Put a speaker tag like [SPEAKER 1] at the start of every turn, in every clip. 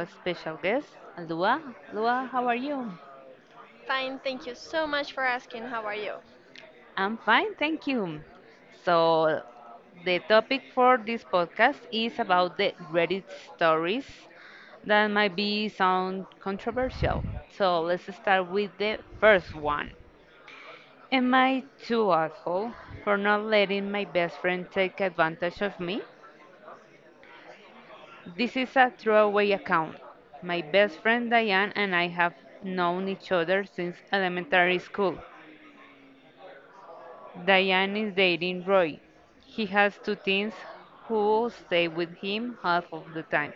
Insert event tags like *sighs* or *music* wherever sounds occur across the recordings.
[SPEAKER 1] a special guest, Lua. Lua, how are you?
[SPEAKER 2] Fine, thank you so much for asking. How are you?
[SPEAKER 1] I'm fine, thank you. So, the topic for this podcast is about the Reddit stories that might be sound controversial. So, let's start with the first one. Am I too asshole for not letting my best friend take advantage of me? This is a throwaway account. My best friend Diane and I have known each other since elementary school. Diane is dating Roy. He has two teens who stay with him half of the time.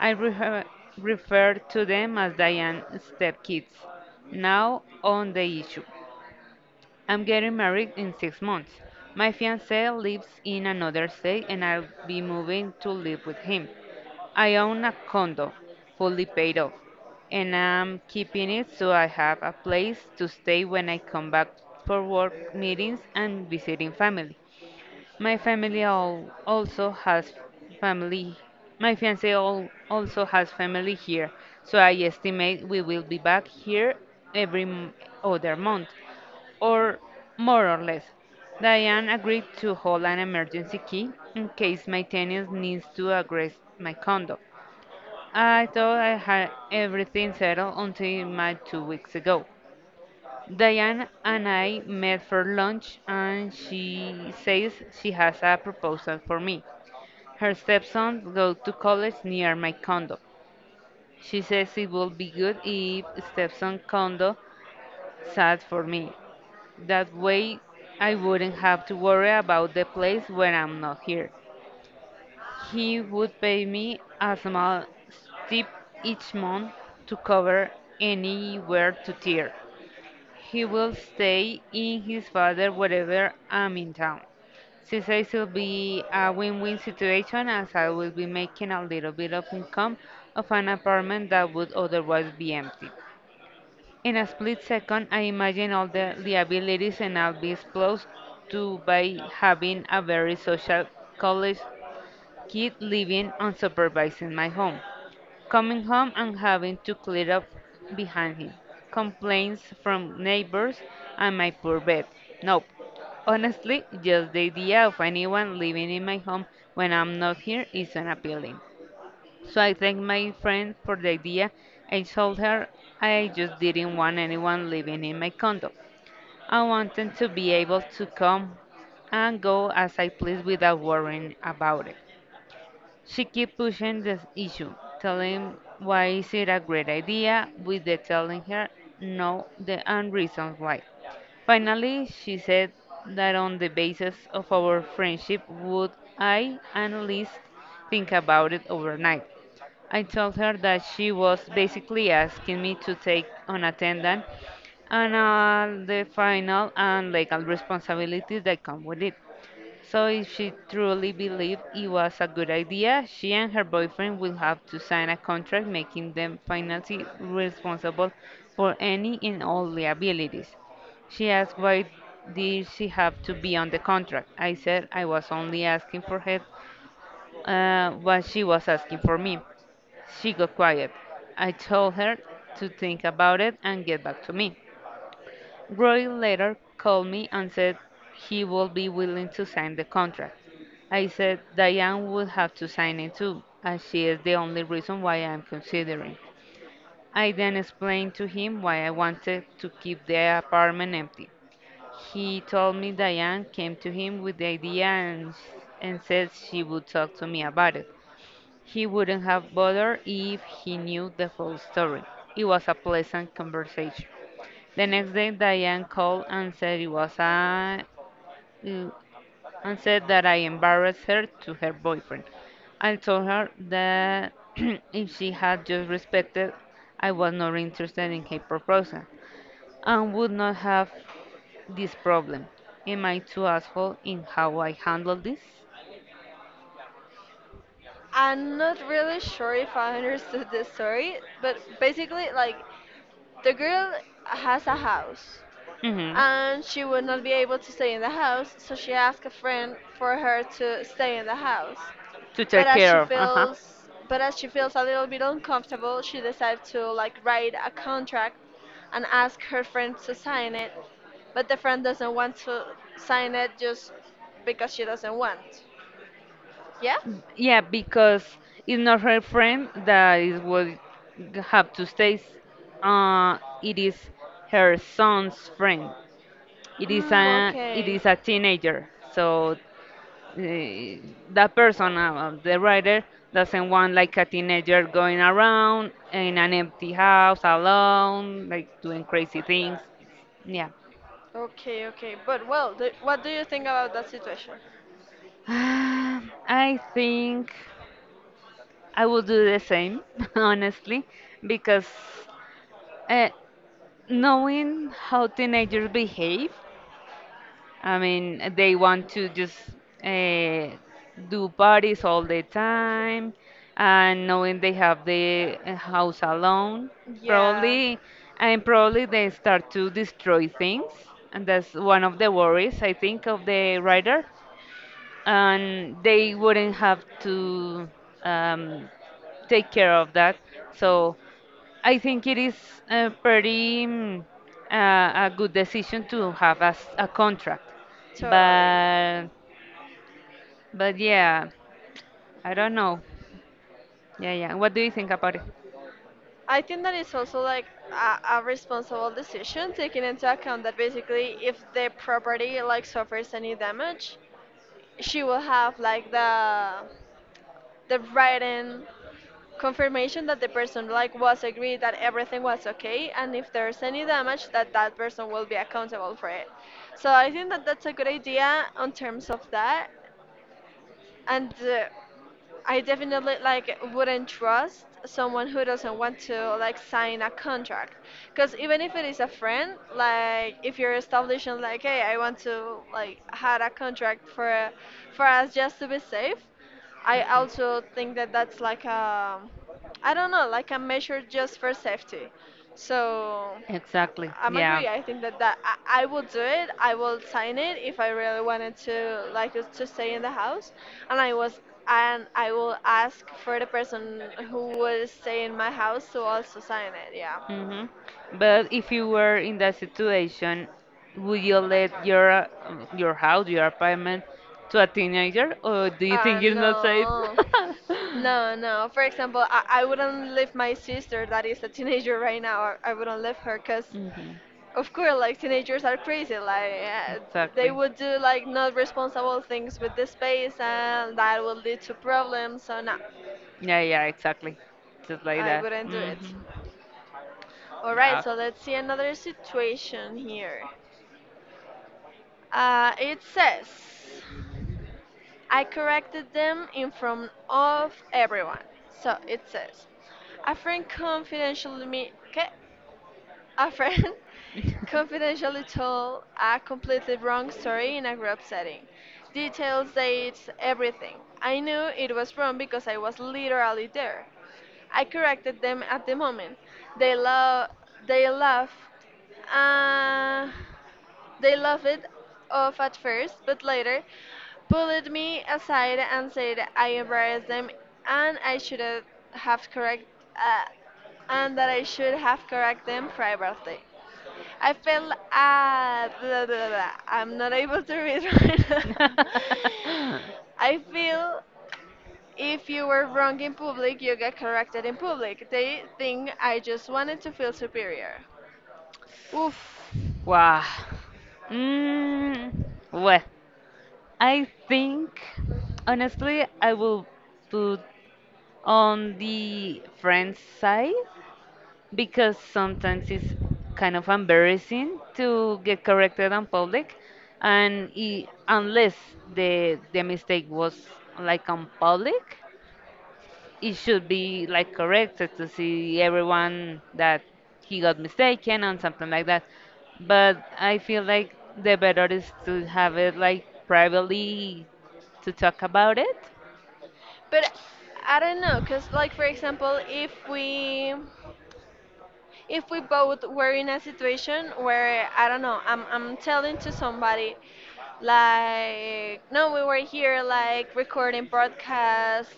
[SPEAKER 1] I refer to them as Diane's stepkids. Now on the issue. I'm getting married in 6 months. My fiance lives in another state and I'll be moving to live with him. I own a condo, fully paid off, and I'm keeping it so I have a place to stay when I come back for work meetings and visiting family. My family all also has family. My fiance all also has family here, so I estimate we will be back here every other month, or more or less. Diane agreed to hold an emergency key in case my tenants needs to address my condo. I thought I had everything settled until my 2 weeks ago. Diane and I met for lunch, and she says she has a proposal for me. Her stepson goes to college near my condo. She says it would be good if stepson condo sat for me. That way, I wouldn't have to worry about the place when I'm not here. He would pay me a small tip each month to cover anywhere to tear. He will stay in his father wherever I'm in town. Since this will be a win-win situation as I will be making a little bit of income of an apartment that would otherwise be empty. In a split second, I imagine all the liabilities and I'll be exposed to by having a very social college kid living unsupervised in my home coming home and having to clear up behind him. Complaints from neighbors and my poor bed. Nope. Honestly, just the idea of anyone living in my home when I'm not here is unappealing. So I thanked my friend for the idea and told her I just didn't want anyone living in my condo. I wanted to be able to come and go as I please without worrying about it. She kept pushing the issue, telling why is it a great idea, with the telling her no the and reasons why. Finally, she said that on the basis of our friendship would I at least think about it overnight. I told her that she was basically asking me to take on attendant and all the final and legal responsibilities that come with it. So if she truly believed it was a good idea, she and her boyfriend will have to sign a contract making them financially responsible for any and all liabilities. She asked why did she have to be on the contract. I said I was only asking for help, but she was asking for me. She got quiet. I told her to think about it and get back to me. Roy later called me and said he would be willing to sign the contract. I said Diane would have to sign it too, as she is the only reason why I'm considering. I then explained to him why I wanted to keep the apartment empty. He told me Diane came to him with the idea and said she would talk to me about it. He wouldn't have bothered if he knew the full story. It was a pleasant conversation. The next day, Diane called and said it was I, mm, and said that I embarrassed her to her boyfriend. I told her that *clears throat* if she had just respected, I was not interested in her proposal and would not have this problem. Am I too asshole in how I handle this?
[SPEAKER 2] I'm not really sure if I understood the story, but basically, like, the girl has a house
[SPEAKER 1] hmm
[SPEAKER 2] and she would not be able to stay in the house, so she asked a friend for her to stay in the house.
[SPEAKER 1] To
[SPEAKER 2] But
[SPEAKER 1] take
[SPEAKER 2] as she
[SPEAKER 1] care of. Uh huh.
[SPEAKER 2] feels but as she feels a little bit uncomfortable, she decides to like write a contract and ask her friend to sign it, but the friend doesn't want to sign it just because she doesn't want. Yeah?
[SPEAKER 1] Yeah, because it's not her friend that is what have to stay. It is her son's friend. It
[SPEAKER 2] Okay.
[SPEAKER 1] is a teenager. So that person, the writer, doesn't want like a teenager going around in an empty house alone, like doing crazy things. Yeah.
[SPEAKER 2] Okay, okay. But well, what do you think about that situation?
[SPEAKER 1] *sighs* I think I will do the same, *laughs* honestly, because uh, knowing how teenagers behave, I mean, they want to just uh, do parties all the time, and knowing they have the house alone,
[SPEAKER 2] Yeah,
[SPEAKER 1] probably, and probably they start to destroy things, and that's one of the worries I think of the writer and they wouldn't have to um, take care of that. So I think it is a pretty a good decision to have as a contract.
[SPEAKER 2] totally.
[SPEAKER 1] But but yeah, I don't know. Yeah, yeah. What do you think about it?
[SPEAKER 2] I think that it's also like a responsible decision, taking into account that basically if the property like suffers any damage, she will have like the written confirmation that the person like was agreed that everything was okay, and if there's any damage, that that person will be accountable for it. So I think that that's a good idea on terms of that. And I definitely like wouldn't trust someone who doesn't want to like sign a contract, because even if it is a friend, like if you're establishing like, hey, I want to like had a contract for us just to be safe. I also think that that's like a, I don't know, like a measure just for safety, so
[SPEAKER 1] Exactly.
[SPEAKER 2] I'm
[SPEAKER 1] Yeah.
[SPEAKER 2] agree. I think that, that I will do it. I will sign it if I really wanted to like us to stay in the house, and I was and I will ask for the person who will stay in my house to also sign it. Yeah.
[SPEAKER 1] hmm But if you were in that situation, would you let your house, your apartment, to a teenager, or do you think you're not safe?
[SPEAKER 2] No,
[SPEAKER 1] *laughs*
[SPEAKER 2] no, no. For example, I wouldn't leave my sister that is a teenager right now. I wouldn't leave her because
[SPEAKER 1] Hmm.
[SPEAKER 2] of course, like teenagers are crazy. Like they
[SPEAKER 1] Exactly.
[SPEAKER 2] would do like not responsible things with the space, and that would lead to problems. So no,
[SPEAKER 1] Yeah, yeah, exactly. Just like
[SPEAKER 2] I
[SPEAKER 1] that.
[SPEAKER 2] wouldn't do
[SPEAKER 1] Hmm.
[SPEAKER 2] it. All right, so let's see another situation here. It says, I corrected them in front of everyone. So it says, a friend confidentially me. Okay. A friend *laughs* confidentially told a completely wrong story in a group setting. Details, dates, everything. I knew it was wrong because I was literally there. I corrected them at the moment. They love, they laughed. Uh, they laughed it off at first, but later pulled me aside and said I embarrassed them and have correct uh, I should have correct them privately. I feel blah, blah, blah. I'm not able to read *laughs* right now.
[SPEAKER 1] Yeah. *laughs*
[SPEAKER 2] I feel if you were wrong in public, you get corrected in public. They think I just wanted to feel superior. Oof.
[SPEAKER 1] Wow. Mm, well, I think honestly I will put on the friend side because sometimes it's kind of embarrassing to get corrected on public and I unless the mistake was like on public it should be like corrected to see everyone that he got mistaken and something like that. But I feel like the better is to have it like privately to talk about it.
[SPEAKER 2] But I don't know, cause like, for example, if we both were in a situation where, I don't know, I'm telling to somebody like, no, we were here like recording broadcast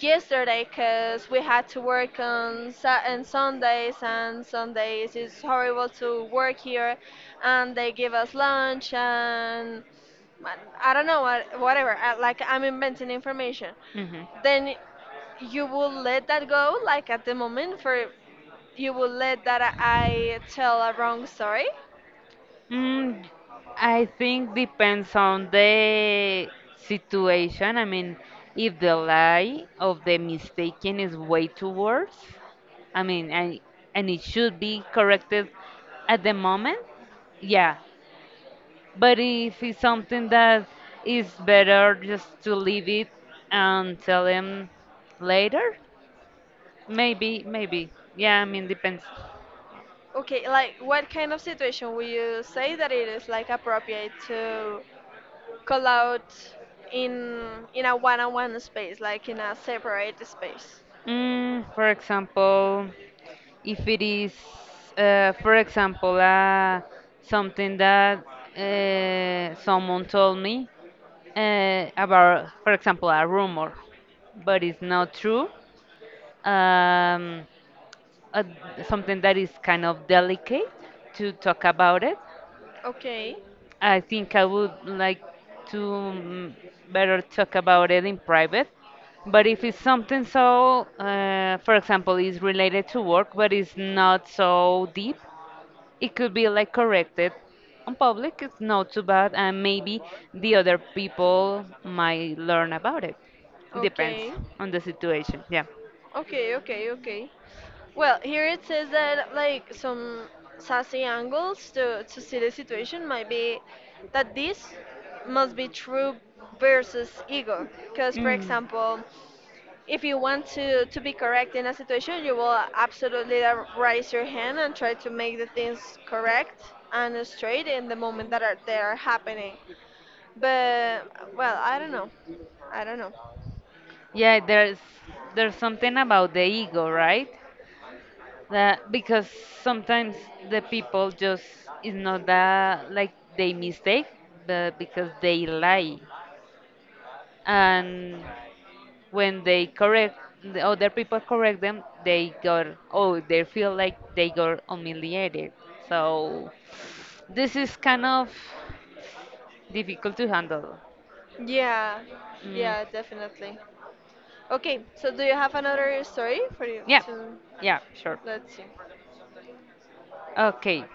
[SPEAKER 2] yesterday because we had to work on Sa- and Sundays, and Sundays it's horrible to work here, and they give us lunch, and I I don't know what, whatever I, like I'm inventing information,
[SPEAKER 1] hmm
[SPEAKER 2] then you will let that go like at the moment, for you would let that I tell a wrong story?
[SPEAKER 1] Mm, I think depends on the situation. I mean, if the lie of the mistaken is way too worse, I mean, and it should be corrected at the moment, yeah. But if it's something that is better just to leave it and tell him later, maybe, maybe. Yeah, I mean, depends.
[SPEAKER 2] Okay, like what kind of situation would you say that it is like appropriate to call out in in a one-on-one space, like in a separate space?
[SPEAKER 1] For example, if it is, for example, something that someone told me about, for example, a rumor, but it's not true. Um, uh, something that is kind of delicate to talk about it.
[SPEAKER 2] Okay,
[SPEAKER 1] I think I would like to better talk about it in private. But if it's something so, for example, is related to work but is not so deep, it could be like corrected on public. It's not too bad, and maybe the other people might learn about it. Depends
[SPEAKER 2] okay,
[SPEAKER 1] on the situation. Yeah.
[SPEAKER 2] okay, okay, okay. Well, here it says that like some sassy angles to see the situation might be that this must be true versus ego, because for
[SPEAKER 1] Mm.
[SPEAKER 2] example. If you want to be correct in a situation, you will absolutely raise your hand and try to make the things correct and straight in the moment that are, they are happening. But, well, I don't know. I don't know.
[SPEAKER 1] Yeah, there's something about the ego, right? That because sometimes the people just it's not that like they mistake, but because they lie, and when they correct the other people correct them, they got oh they feel like they got humiliated. So this is kind of difficult to handle.
[SPEAKER 2] Yeah,
[SPEAKER 1] Mm.
[SPEAKER 2] yeah, definitely. Okay, so do you have another story for you
[SPEAKER 1] Yeah,
[SPEAKER 2] to,
[SPEAKER 1] yeah, sure.
[SPEAKER 2] let's see.
[SPEAKER 1] Okay.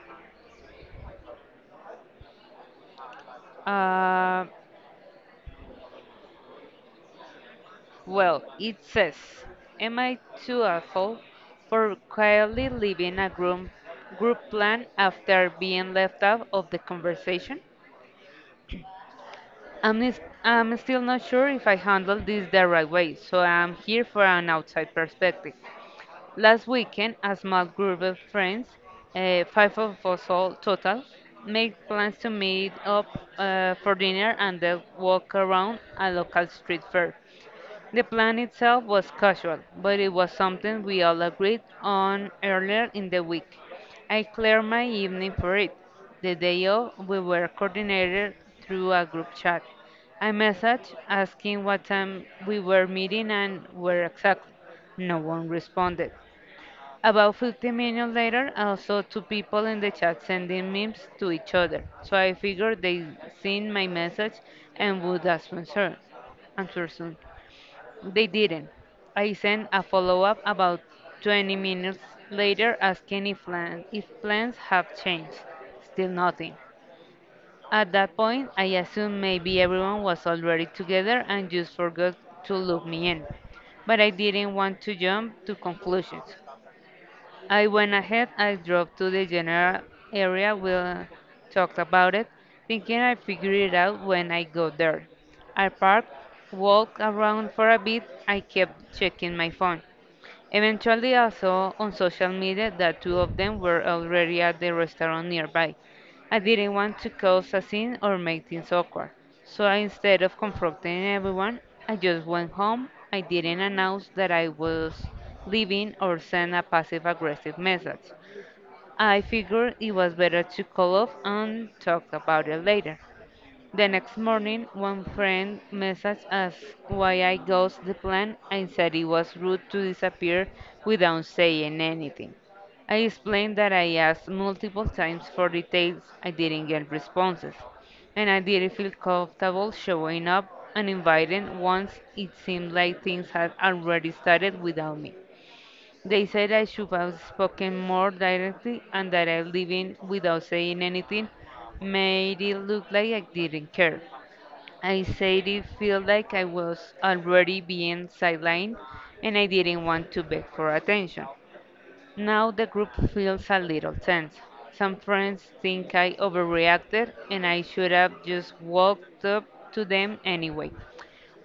[SPEAKER 1] Uh, well, it says, am I too awful for quietly leaving a group, group plan after being left out of the conversation? I'm still not sure if I handled this the right way, so I'm here for an outside perspective. Last weekend, a small group of friends, five of us all total, made plans to meet up for dinner and then walk around a local street fair. The plan itself was casual, but it was something we all agreed on earlier in the week. I cleared my evening for it. The day of, we were coordinated through a group chat. I messaged asking what time we were meeting and where exactly. No one responded. About 15 minutes later, I saw two people in the chat sending memes to each other, so I figured they'd seen my message and would answer soon. Answer soon. They didn't. I sent a follow-up about 20 minutes later asking if plans have changed. Still nothing. At that point, I assumed maybe everyone was already together and just forgot to loop me in. But I didn't want to jump to conclusions. I went ahead. I drove to the general area. We talked about it, thinking I'd figure it out when I got there. I parked, walked around for a bit. I kept checking my phone. Eventually, I saw on social media that two of them were already at the restaurant nearby. I didn't want to cause a scene or make things awkward, so I, instead of confronting everyone, I just went home. I didn't announce that I was leaving or send a passive aggressive message. I figured it was better to call off and talk about it later. The next morning, one friend messaged us why I ghosted the plan and said it was rude to disappear without saying anything. I explained that I asked multiple times for details, I didn't get responses, and I didn't feel comfortable showing up uninvited once it seemed like things had already started without me. They said I should have spoken more directly and that I leaving without saying anything made it look like I didn't care. I said it felt like I was already being sidelined and I didn't want to beg for attention. Now the group feels a little tense. Some friends think I overreacted and I should have just walked up to them anyway,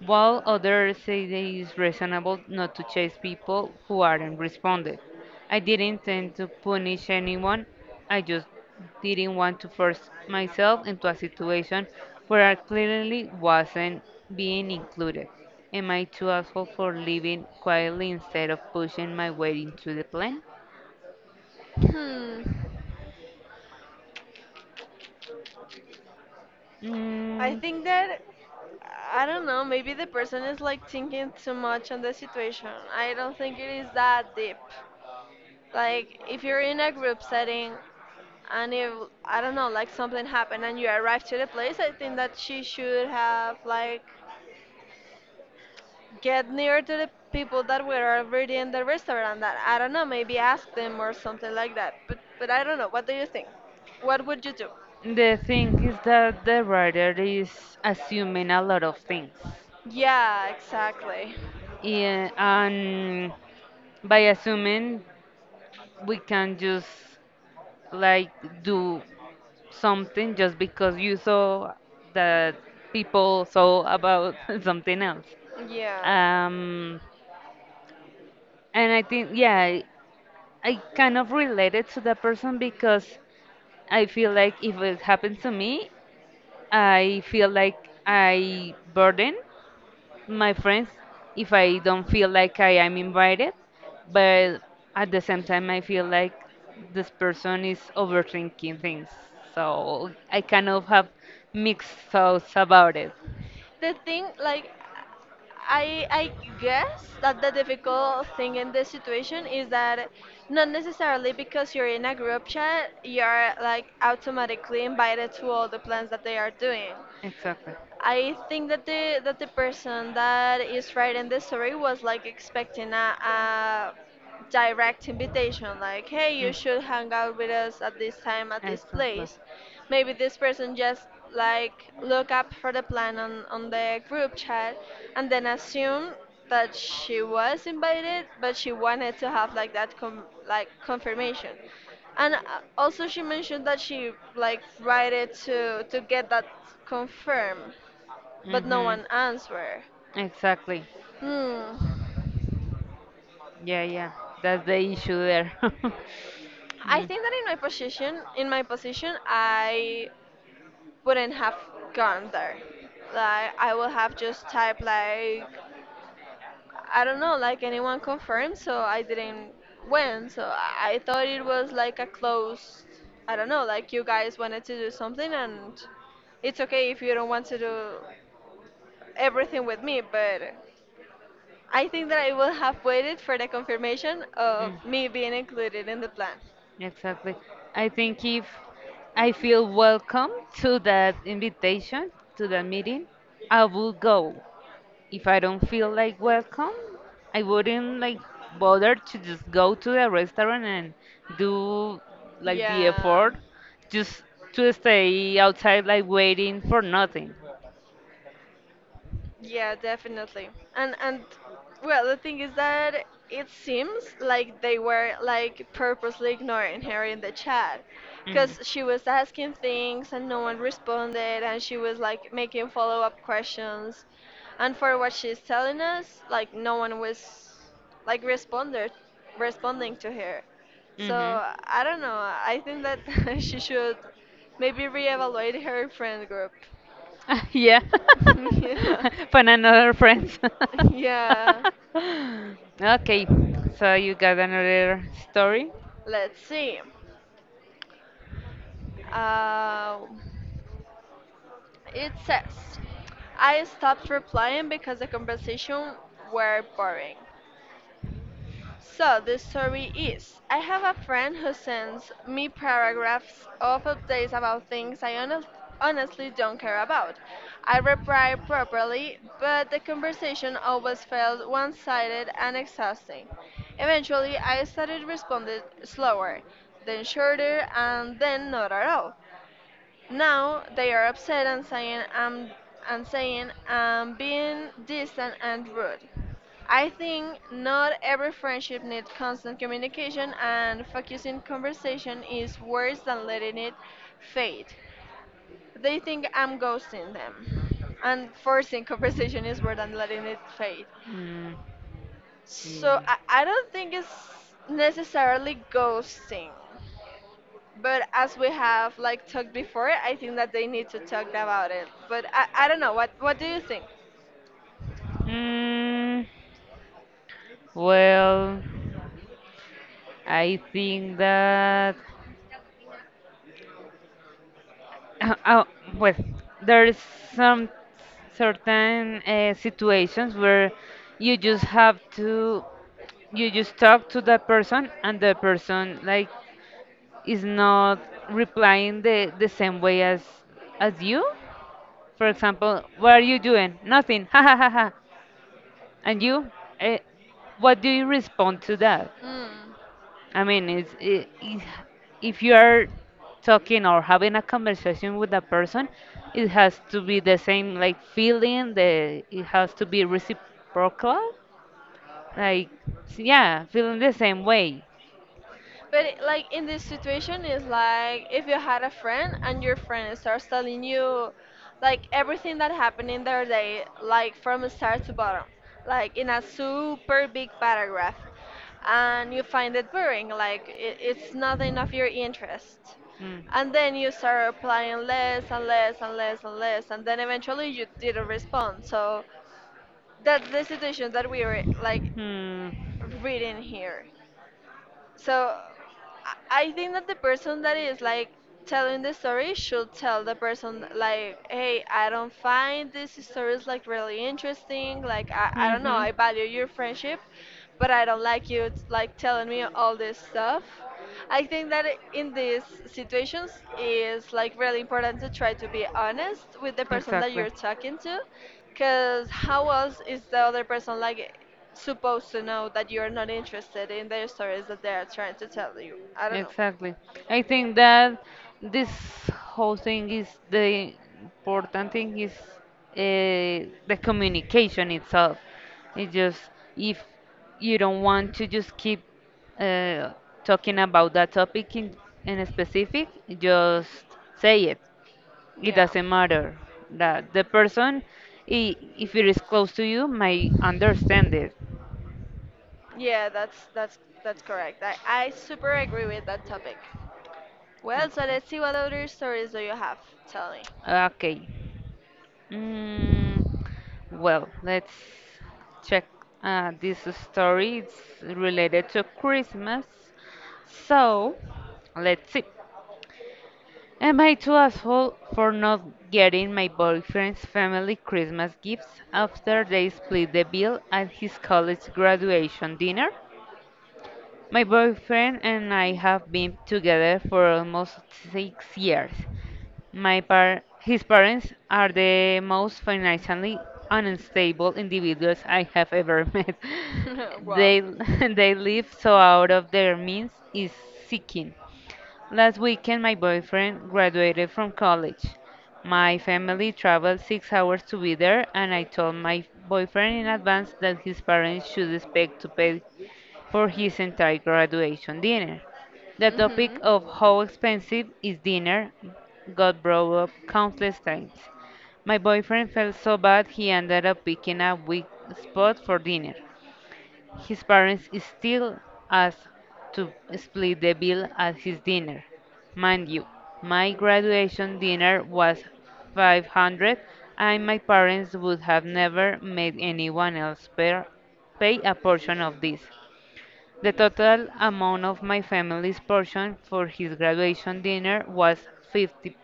[SPEAKER 1] while others say that it is reasonable not to chase people who aren't responded. I didn't intend to punish anyone, I just didn't want to force myself into a situation where I clearly wasn't being included. Am I too asshole for living quietly instead of pushing my way into the plan?
[SPEAKER 2] Hmm. I
[SPEAKER 1] Mm,
[SPEAKER 2] think that, I don't know, maybe the person is like thinking too much on the situation. I don't think it is that deep. Like, if you're in a group setting and if, I don't know, like something happened and you arrive to the place, I think that she should have like get near to the people that were already in the restaurant, that I don't know, maybe ask them or something like that. But I don't know, what do you think? What would you do?
[SPEAKER 1] the thing is that the writer is assuming a lot of things.
[SPEAKER 2] Yeah, exactly.
[SPEAKER 1] Yeah, and by assuming we can just like do something just because you saw that people saw about *laughs* something else.
[SPEAKER 2] Yeah.
[SPEAKER 1] Um, and I think, yeah, I kind of related to that person because I feel like if it happens to me, I feel like I burden my friends if I don't feel like I am invited, but at the same time I feel like this person is overthinking things. So I kind of have mixed thoughts about it.
[SPEAKER 2] The thing like, I guess that the difficult thing in this situation is that not necessarily because you're in a group chat, you're like automatically invited to all the plans that they are doing.
[SPEAKER 1] Exactly.
[SPEAKER 2] I think that the person that is writing the story was like expecting a direct invitation, like, hey, you should hang out with us at this time at this
[SPEAKER 1] Exactly.
[SPEAKER 2] place. Maybe this person just like look up for the plan on the group chat and then assume that she was invited, but she wanted to have like that like confirmation. And also she mentioned that she like write it to get that confirmed but no
[SPEAKER 1] Mhm.
[SPEAKER 2] one answered.
[SPEAKER 1] Exactly.
[SPEAKER 2] Hmm.
[SPEAKER 1] Yeah, yeah. That's the issue there. *laughs*
[SPEAKER 2] I
[SPEAKER 1] Mm.
[SPEAKER 2] think that in my position, I wouldn't have gone there. Like, I will have just typed like, I don't know, like anyone confirmed, so I didn't win. So I thought it was like a closed. I don't know, like you guys wanted to do something, and it's okay if you don't want to do everything with me, but I think that I will have waited for the confirmation of
[SPEAKER 1] Mm.
[SPEAKER 2] me being included in the plan.
[SPEAKER 1] Exactly. I think if I feel welcome to that invitation, to that meeting, I will go. If I don't feel like welcome, I wouldn't like bother to just go to the restaurant and do like the
[SPEAKER 2] Yeah.
[SPEAKER 1] effort just to stay outside like waiting for nothing
[SPEAKER 2] Yeah, definitely. And well, the thing is that it seems like they were like purposely ignoring her in the chat, because she was asking things and no one responded, and she was like making follow-up questions. And for what she's telling us, like no one was like responded responding to her.
[SPEAKER 1] her.
[SPEAKER 2] So
[SPEAKER 1] Mhm.
[SPEAKER 2] I don't know. I think that *laughs* she should maybe reevaluate her friend group.
[SPEAKER 1] *laughs* Yeah.
[SPEAKER 2] *laughs* Yeah.
[SPEAKER 1] *laughs* Find another friends. *laughs*
[SPEAKER 2] *laughs* Yeah,
[SPEAKER 1] *laughs* Okay, so you got another story?
[SPEAKER 2] let's see. Uh, it says, I stopped replying because the conversation were boring. So the story is, I have a friend who sends me paragraphs of updates about things honestly don't care about. I reply properly, but the conversation always felt one sided and exhausting. Eventually, I started responding slower, then shorter, and then not at all. Now they are upset and saying I'm being distant and rude. I think not every friendship needs constant communication, and focusing conversation is worse than letting it fade. They think I'm ghosting them. And forcing *laughs* conversation is worse than letting it fade.
[SPEAKER 1] Mm,
[SPEAKER 2] So
[SPEAKER 1] mm.
[SPEAKER 2] I don't think it's necessarily ghosting. But as we have like talked before, I think that they need to talk about it. But I don't know. What do you think?
[SPEAKER 1] Mm, well, I think that. Uh, uh, well, there's some certain situations where you just have to, you just talk to that person and the person like is not replying the same way as you. For example, what are you doing? Nothing. *laughs* Ha ha ha ha. And you, uh, what do you respond to that?
[SPEAKER 2] Hmm.
[SPEAKER 1] I mean, it's, I if you are talking or having a conversation with a person, it has to be the same like feeling. The It has to be reciprocal. Like yeah, feeling the same way.
[SPEAKER 2] But it- like in this situation is like, if you had a friend and your friend starts telling you like everything that happened in their day, like from start to bottom, like in a super big paragraph, and you find it boring, like it's nothing of your interest.
[SPEAKER 1] Mm.
[SPEAKER 2] And then you start replying less and less and less and less, and then eventually you didn't respond. So that's the situation that we were like
[SPEAKER 1] Hmm.
[SPEAKER 2] reading here. So I think that the person that is like telling the story should tell the person like, hey, I don't find these stories like really interesting. Like, I don't know,
[SPEAKER 1] Hmm.
[SPEAKER 2] I value your friendship, but I don't like you like telling me all this stuff. I think that in these situations is like really important to try to be honest with the person that
[SPEAKER 1] Exactly.
[SPEAKER 2] you're talking to, because how else is the other person like supposed to know that you're not interested in their stories that they are trying to tell you. I don't know.
[SPEAKER 1] Exactly. I think that this whole thing is the important thing is the communication itself. It just if you don't want to just keep uh, talking about that topic in, a specific, just say it. It
[SPEAKER 2] Yeah.
[SPEAKER 1] doesn't matter that the person, if it is close to you, may understand it.
[SPEAKER 2] Yeah, that's that's correct. I super agree with that topic. Well, so let's see what other
[SPEAKER 1] Okay.
[SPEAKER 2] stories do you have. Tell me.
[SPEAKER 1] Okay. Mm, well, let's check this story. It's related to Christmas. So, let's see. Am I too asshole for not getting my boyfriend's family Christmas gifts after they split the bill at his college graduation dinner? My boyfriend and I have been together for almost 6 years. His parents are the most financially unstable individuals I have ever *laughs* met.
[SPEAKER 2] *laughs* Wow.
[SPEAKER 1] They *laughs* they live so out of their means is seeking. Last weekend my boyfriend graduated from college. My family traveled 6 hours to be there, and I told my boyfriend in advance that his parents should expect to pay for his entire graduation dinner. The topic
[SPEAKER 2] Mhm.
[SPEAKER 1] of how expensive is dinner got brought up countless times. My boyfriend felt so bad he ended up picking a weak spot for dinner. His parents still asked to split the bill at his dinner. Mind you, my graduation dinner was 500 and my parents would have never made anyone else pay a portion of this. The total amount of my family's portion for his graduation dinner was 50,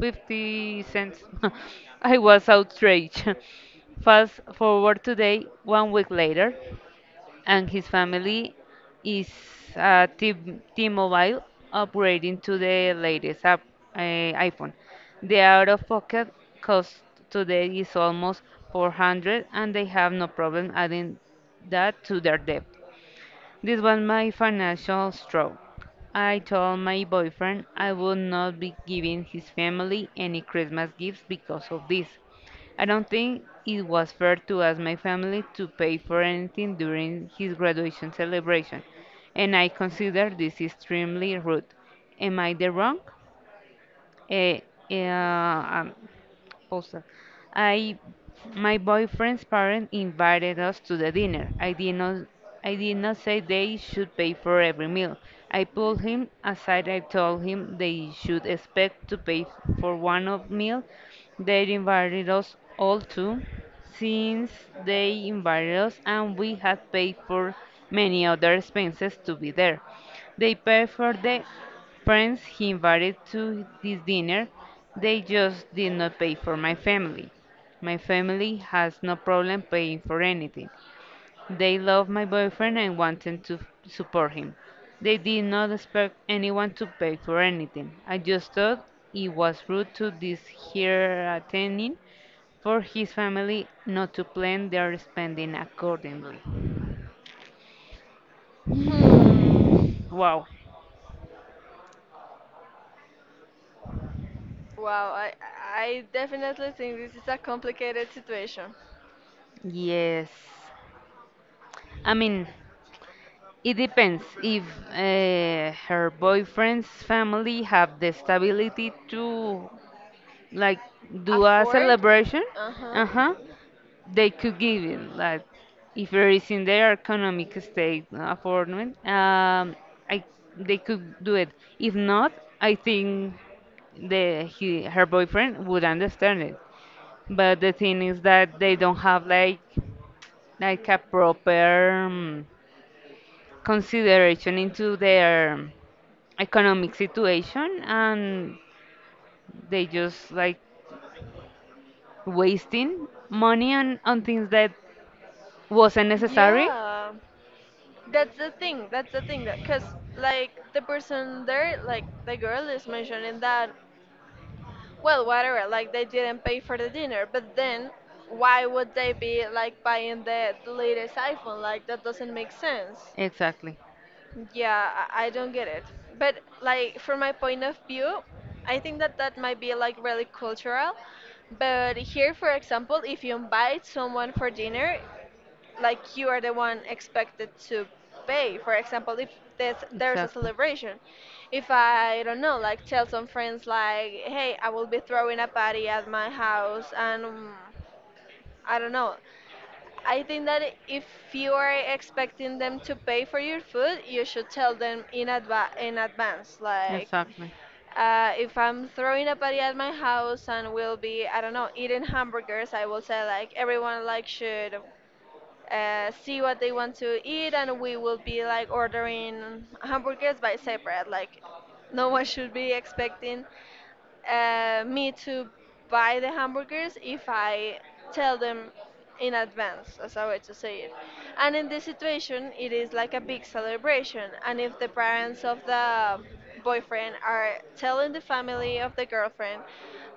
[SPEAKER 1] fifty cents. *laughs* I was outraged. *laughs* Fast forward today, one week later, and his family is uh, T- T-Mobile upgrading to the latest iPhone. The out-of-pocket cost today is almost 400, and they have no problem adding that to their debt. This was my financial straw. I told my boyfriend I would not be giving his family any Christmas gifts because of this. I don't think it was fair to ask my family to pay for anything during his graduation celebration, and I consider this extremely rude. Am I the wrong? Eh, eh, poster? I, my boyfriend's parents invited us to the dinner. I did not say they should pay for every meal. I pulled him aside. I told him they should expect to pay for one of meal. They invited us all since they invited us, and we had paid for many other expenses to be there. They pay for the friends he invited to this dinner. They just did not pay for my family. My family has no problem paying for anything. They love my boyfriend and wanted to support him. They did not expect anyone to pay for anything. I just thought it was rude to this here attending for his family not to plan their spending accordingly.
[SPEAKER 2] Hmm.
[SPEAKER 1] Wow.
[SPEAKER 2] Wow. I definitely think this is a complicated situation.
[SPEAKER 1] Yes. I mean, it depends if her boyfriend's family have the stability to like do a
[SPEAKER 2] Afford?
[SPEAKER 1] celebration.
[SPEAKER 2] Uh huh.
[SPEAKER 1] Uh-huh. They could give it like if it is in their economic state affordment. I they could do it. If not, I think her boyfriend would understand it. But the thing is that they don't have like a proper consideration into their economic situation, and they just like wasting money on things that wasn't necessary.
[SPEAKER 2] Yeah. That's the thing. That's the thing. That because like the person there, like the girl is mentioning that, well, whatever. Like they didn't pay for the dinner, but then why would they be like buying the latest iPhone? Like that doesn't make sense.
[SPEAKER 1] Exactly.
[SPEAKER 2] Yeah, I don't get it. But like from my point of view, I think that that might be like really cultural. But here, for example, if you invite someone for dinner, like you are the one expected to pay. For example, if there's a
[SPEAKER 1] Exactly.
[SPEAKER 2] celebration, if, I don't know, like tell some friends like, hey, I will be throwing a party at my house, and I don't know. I think that if you are expecting them to pay for your food, you should tell them in in advance,
[SPEAKER 1] Like,
[SPEAKER 2] like.
[SPEAKER 1] exactly.
[SPEAKER 2] If I'm throwing a party at my house and we'll be, I don't know, eating hamburgers, I will say like everyone like should see what they want to eat, and we will be like ordering hamburgers by separate. Like, no one should be expecting me to buy the hamburgers if I tell them in advance, as a way to say it. And in this situation, it is like a big celebration. And if the parents of the boyfriend are telling the family of the girlfriend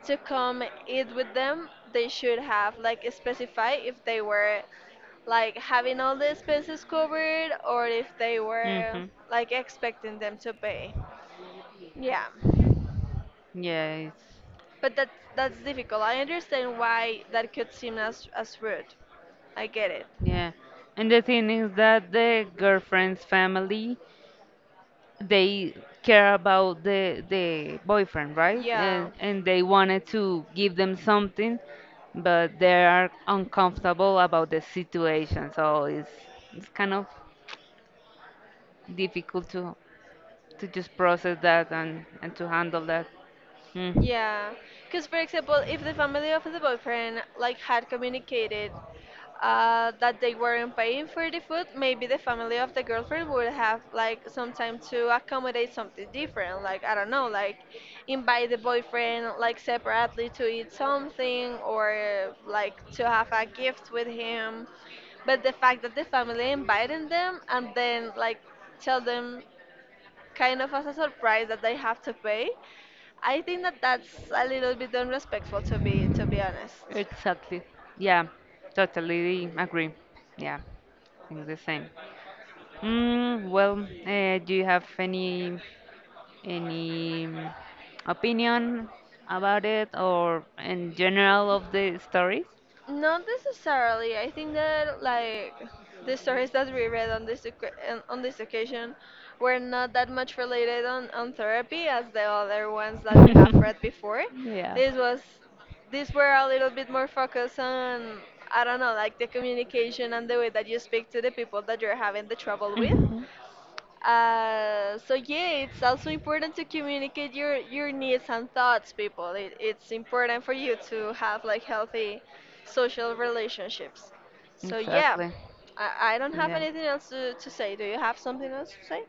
[SPEAKER 2] to come eat with them, they should have like specify if they were like having all the expenses covered or if they were
[SPEAKER 1] Mm-hmm.
[SPEAKER 2] like expecting them to pay. Yeah.
[SPEAKER 1] Yes.
[SPEAKER 2] But that's difficult. I understand why that could seem as rude. I get it.
[SPEAKER 1] Yeah. And the thing is that the girlfriend's family, they care about the boyfriend, right?
[SPEAKER 2] Yeah.
[SPEAKER 1] And they wanted to give them something, but they are uncomfortable about the situation. So it's kind of difficult to just process that, and to handle that. Mm.
[SPEAKER 2] Yeah, because for example, if the family of the boyfriend like had communicated that they weren't paying for the food, maybe the family of the girlfriend would have like some time to accommodate something different. Like, I don't know, like invite the boyfriend like separately to eat something or like to have a gift with him. But the fact that the family invited them and then like tell them kind of as a surprise that they have to pay. I think that that's a little bit unrespectful to be honest.
[SPEAKER 1] Exactly. Yeah, totally agree. Yeah, think the same. Well, do you have any opinion about it or in general of the stories?
[SPEAKER 2] Not necessarily. I think that like the stories that we read on this on this occasion were not that much related on therapy as the other ones that we have
[SPEAKER 1] *laughs*
[SPEAKER 2] read before.
[SPEAKER 1] Yeah.
[SPEAKER 2] This was these were a little bit more focused on, I don't know, like the communication and the way that you speak to the people that you're having the trouble with.
[SPEAKER 1] Mhm.
[SPEAKER 2] So yeah, it's also important to communicate your needs and thoughts, people. It's important for you to have like healthy social relationships. So yeah,
[SPEAKER 1] Exactly.
[SPEAKER 2] I don't have
[SPEAKER 1] Yeah.
[SPEAKER 2] anything else to say. Do you have something else to say?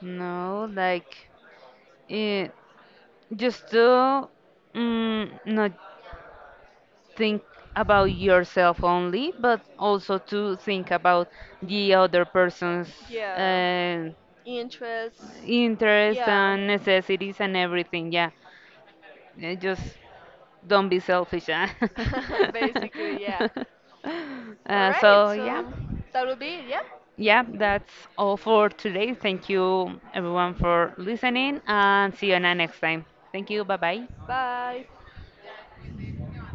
[SPEAKER 1] No, like eh, just to not think about yourself only, but also to think about the other person's
[SPEAKER 2] Yeah,
[SPEAKER 1] uh,
[SPEAKER 2] interests.
[SPEAKER 1] interests
[SPEAKER 2] Yeah,
[SPEAKER 1] and necessities and everything. Yeah, just don't be selfish. Huh?
[SPEAKER 2] *laughs* basically
[SPEAKER 1] *laughs*
[SPEAKER 2] yeah. All
[SPEAKER 1] uh,
[SPEAKER 2] right,
[SPEAKER 1] so yeah,
[SPEAKER 2] so that will be it. Yeah,
[SPEAKER 1] yeah, that's all for today. Thank you everyone for listening, and see you na next time. Thank you. Bye bye.
[SPEAKER 2] bye.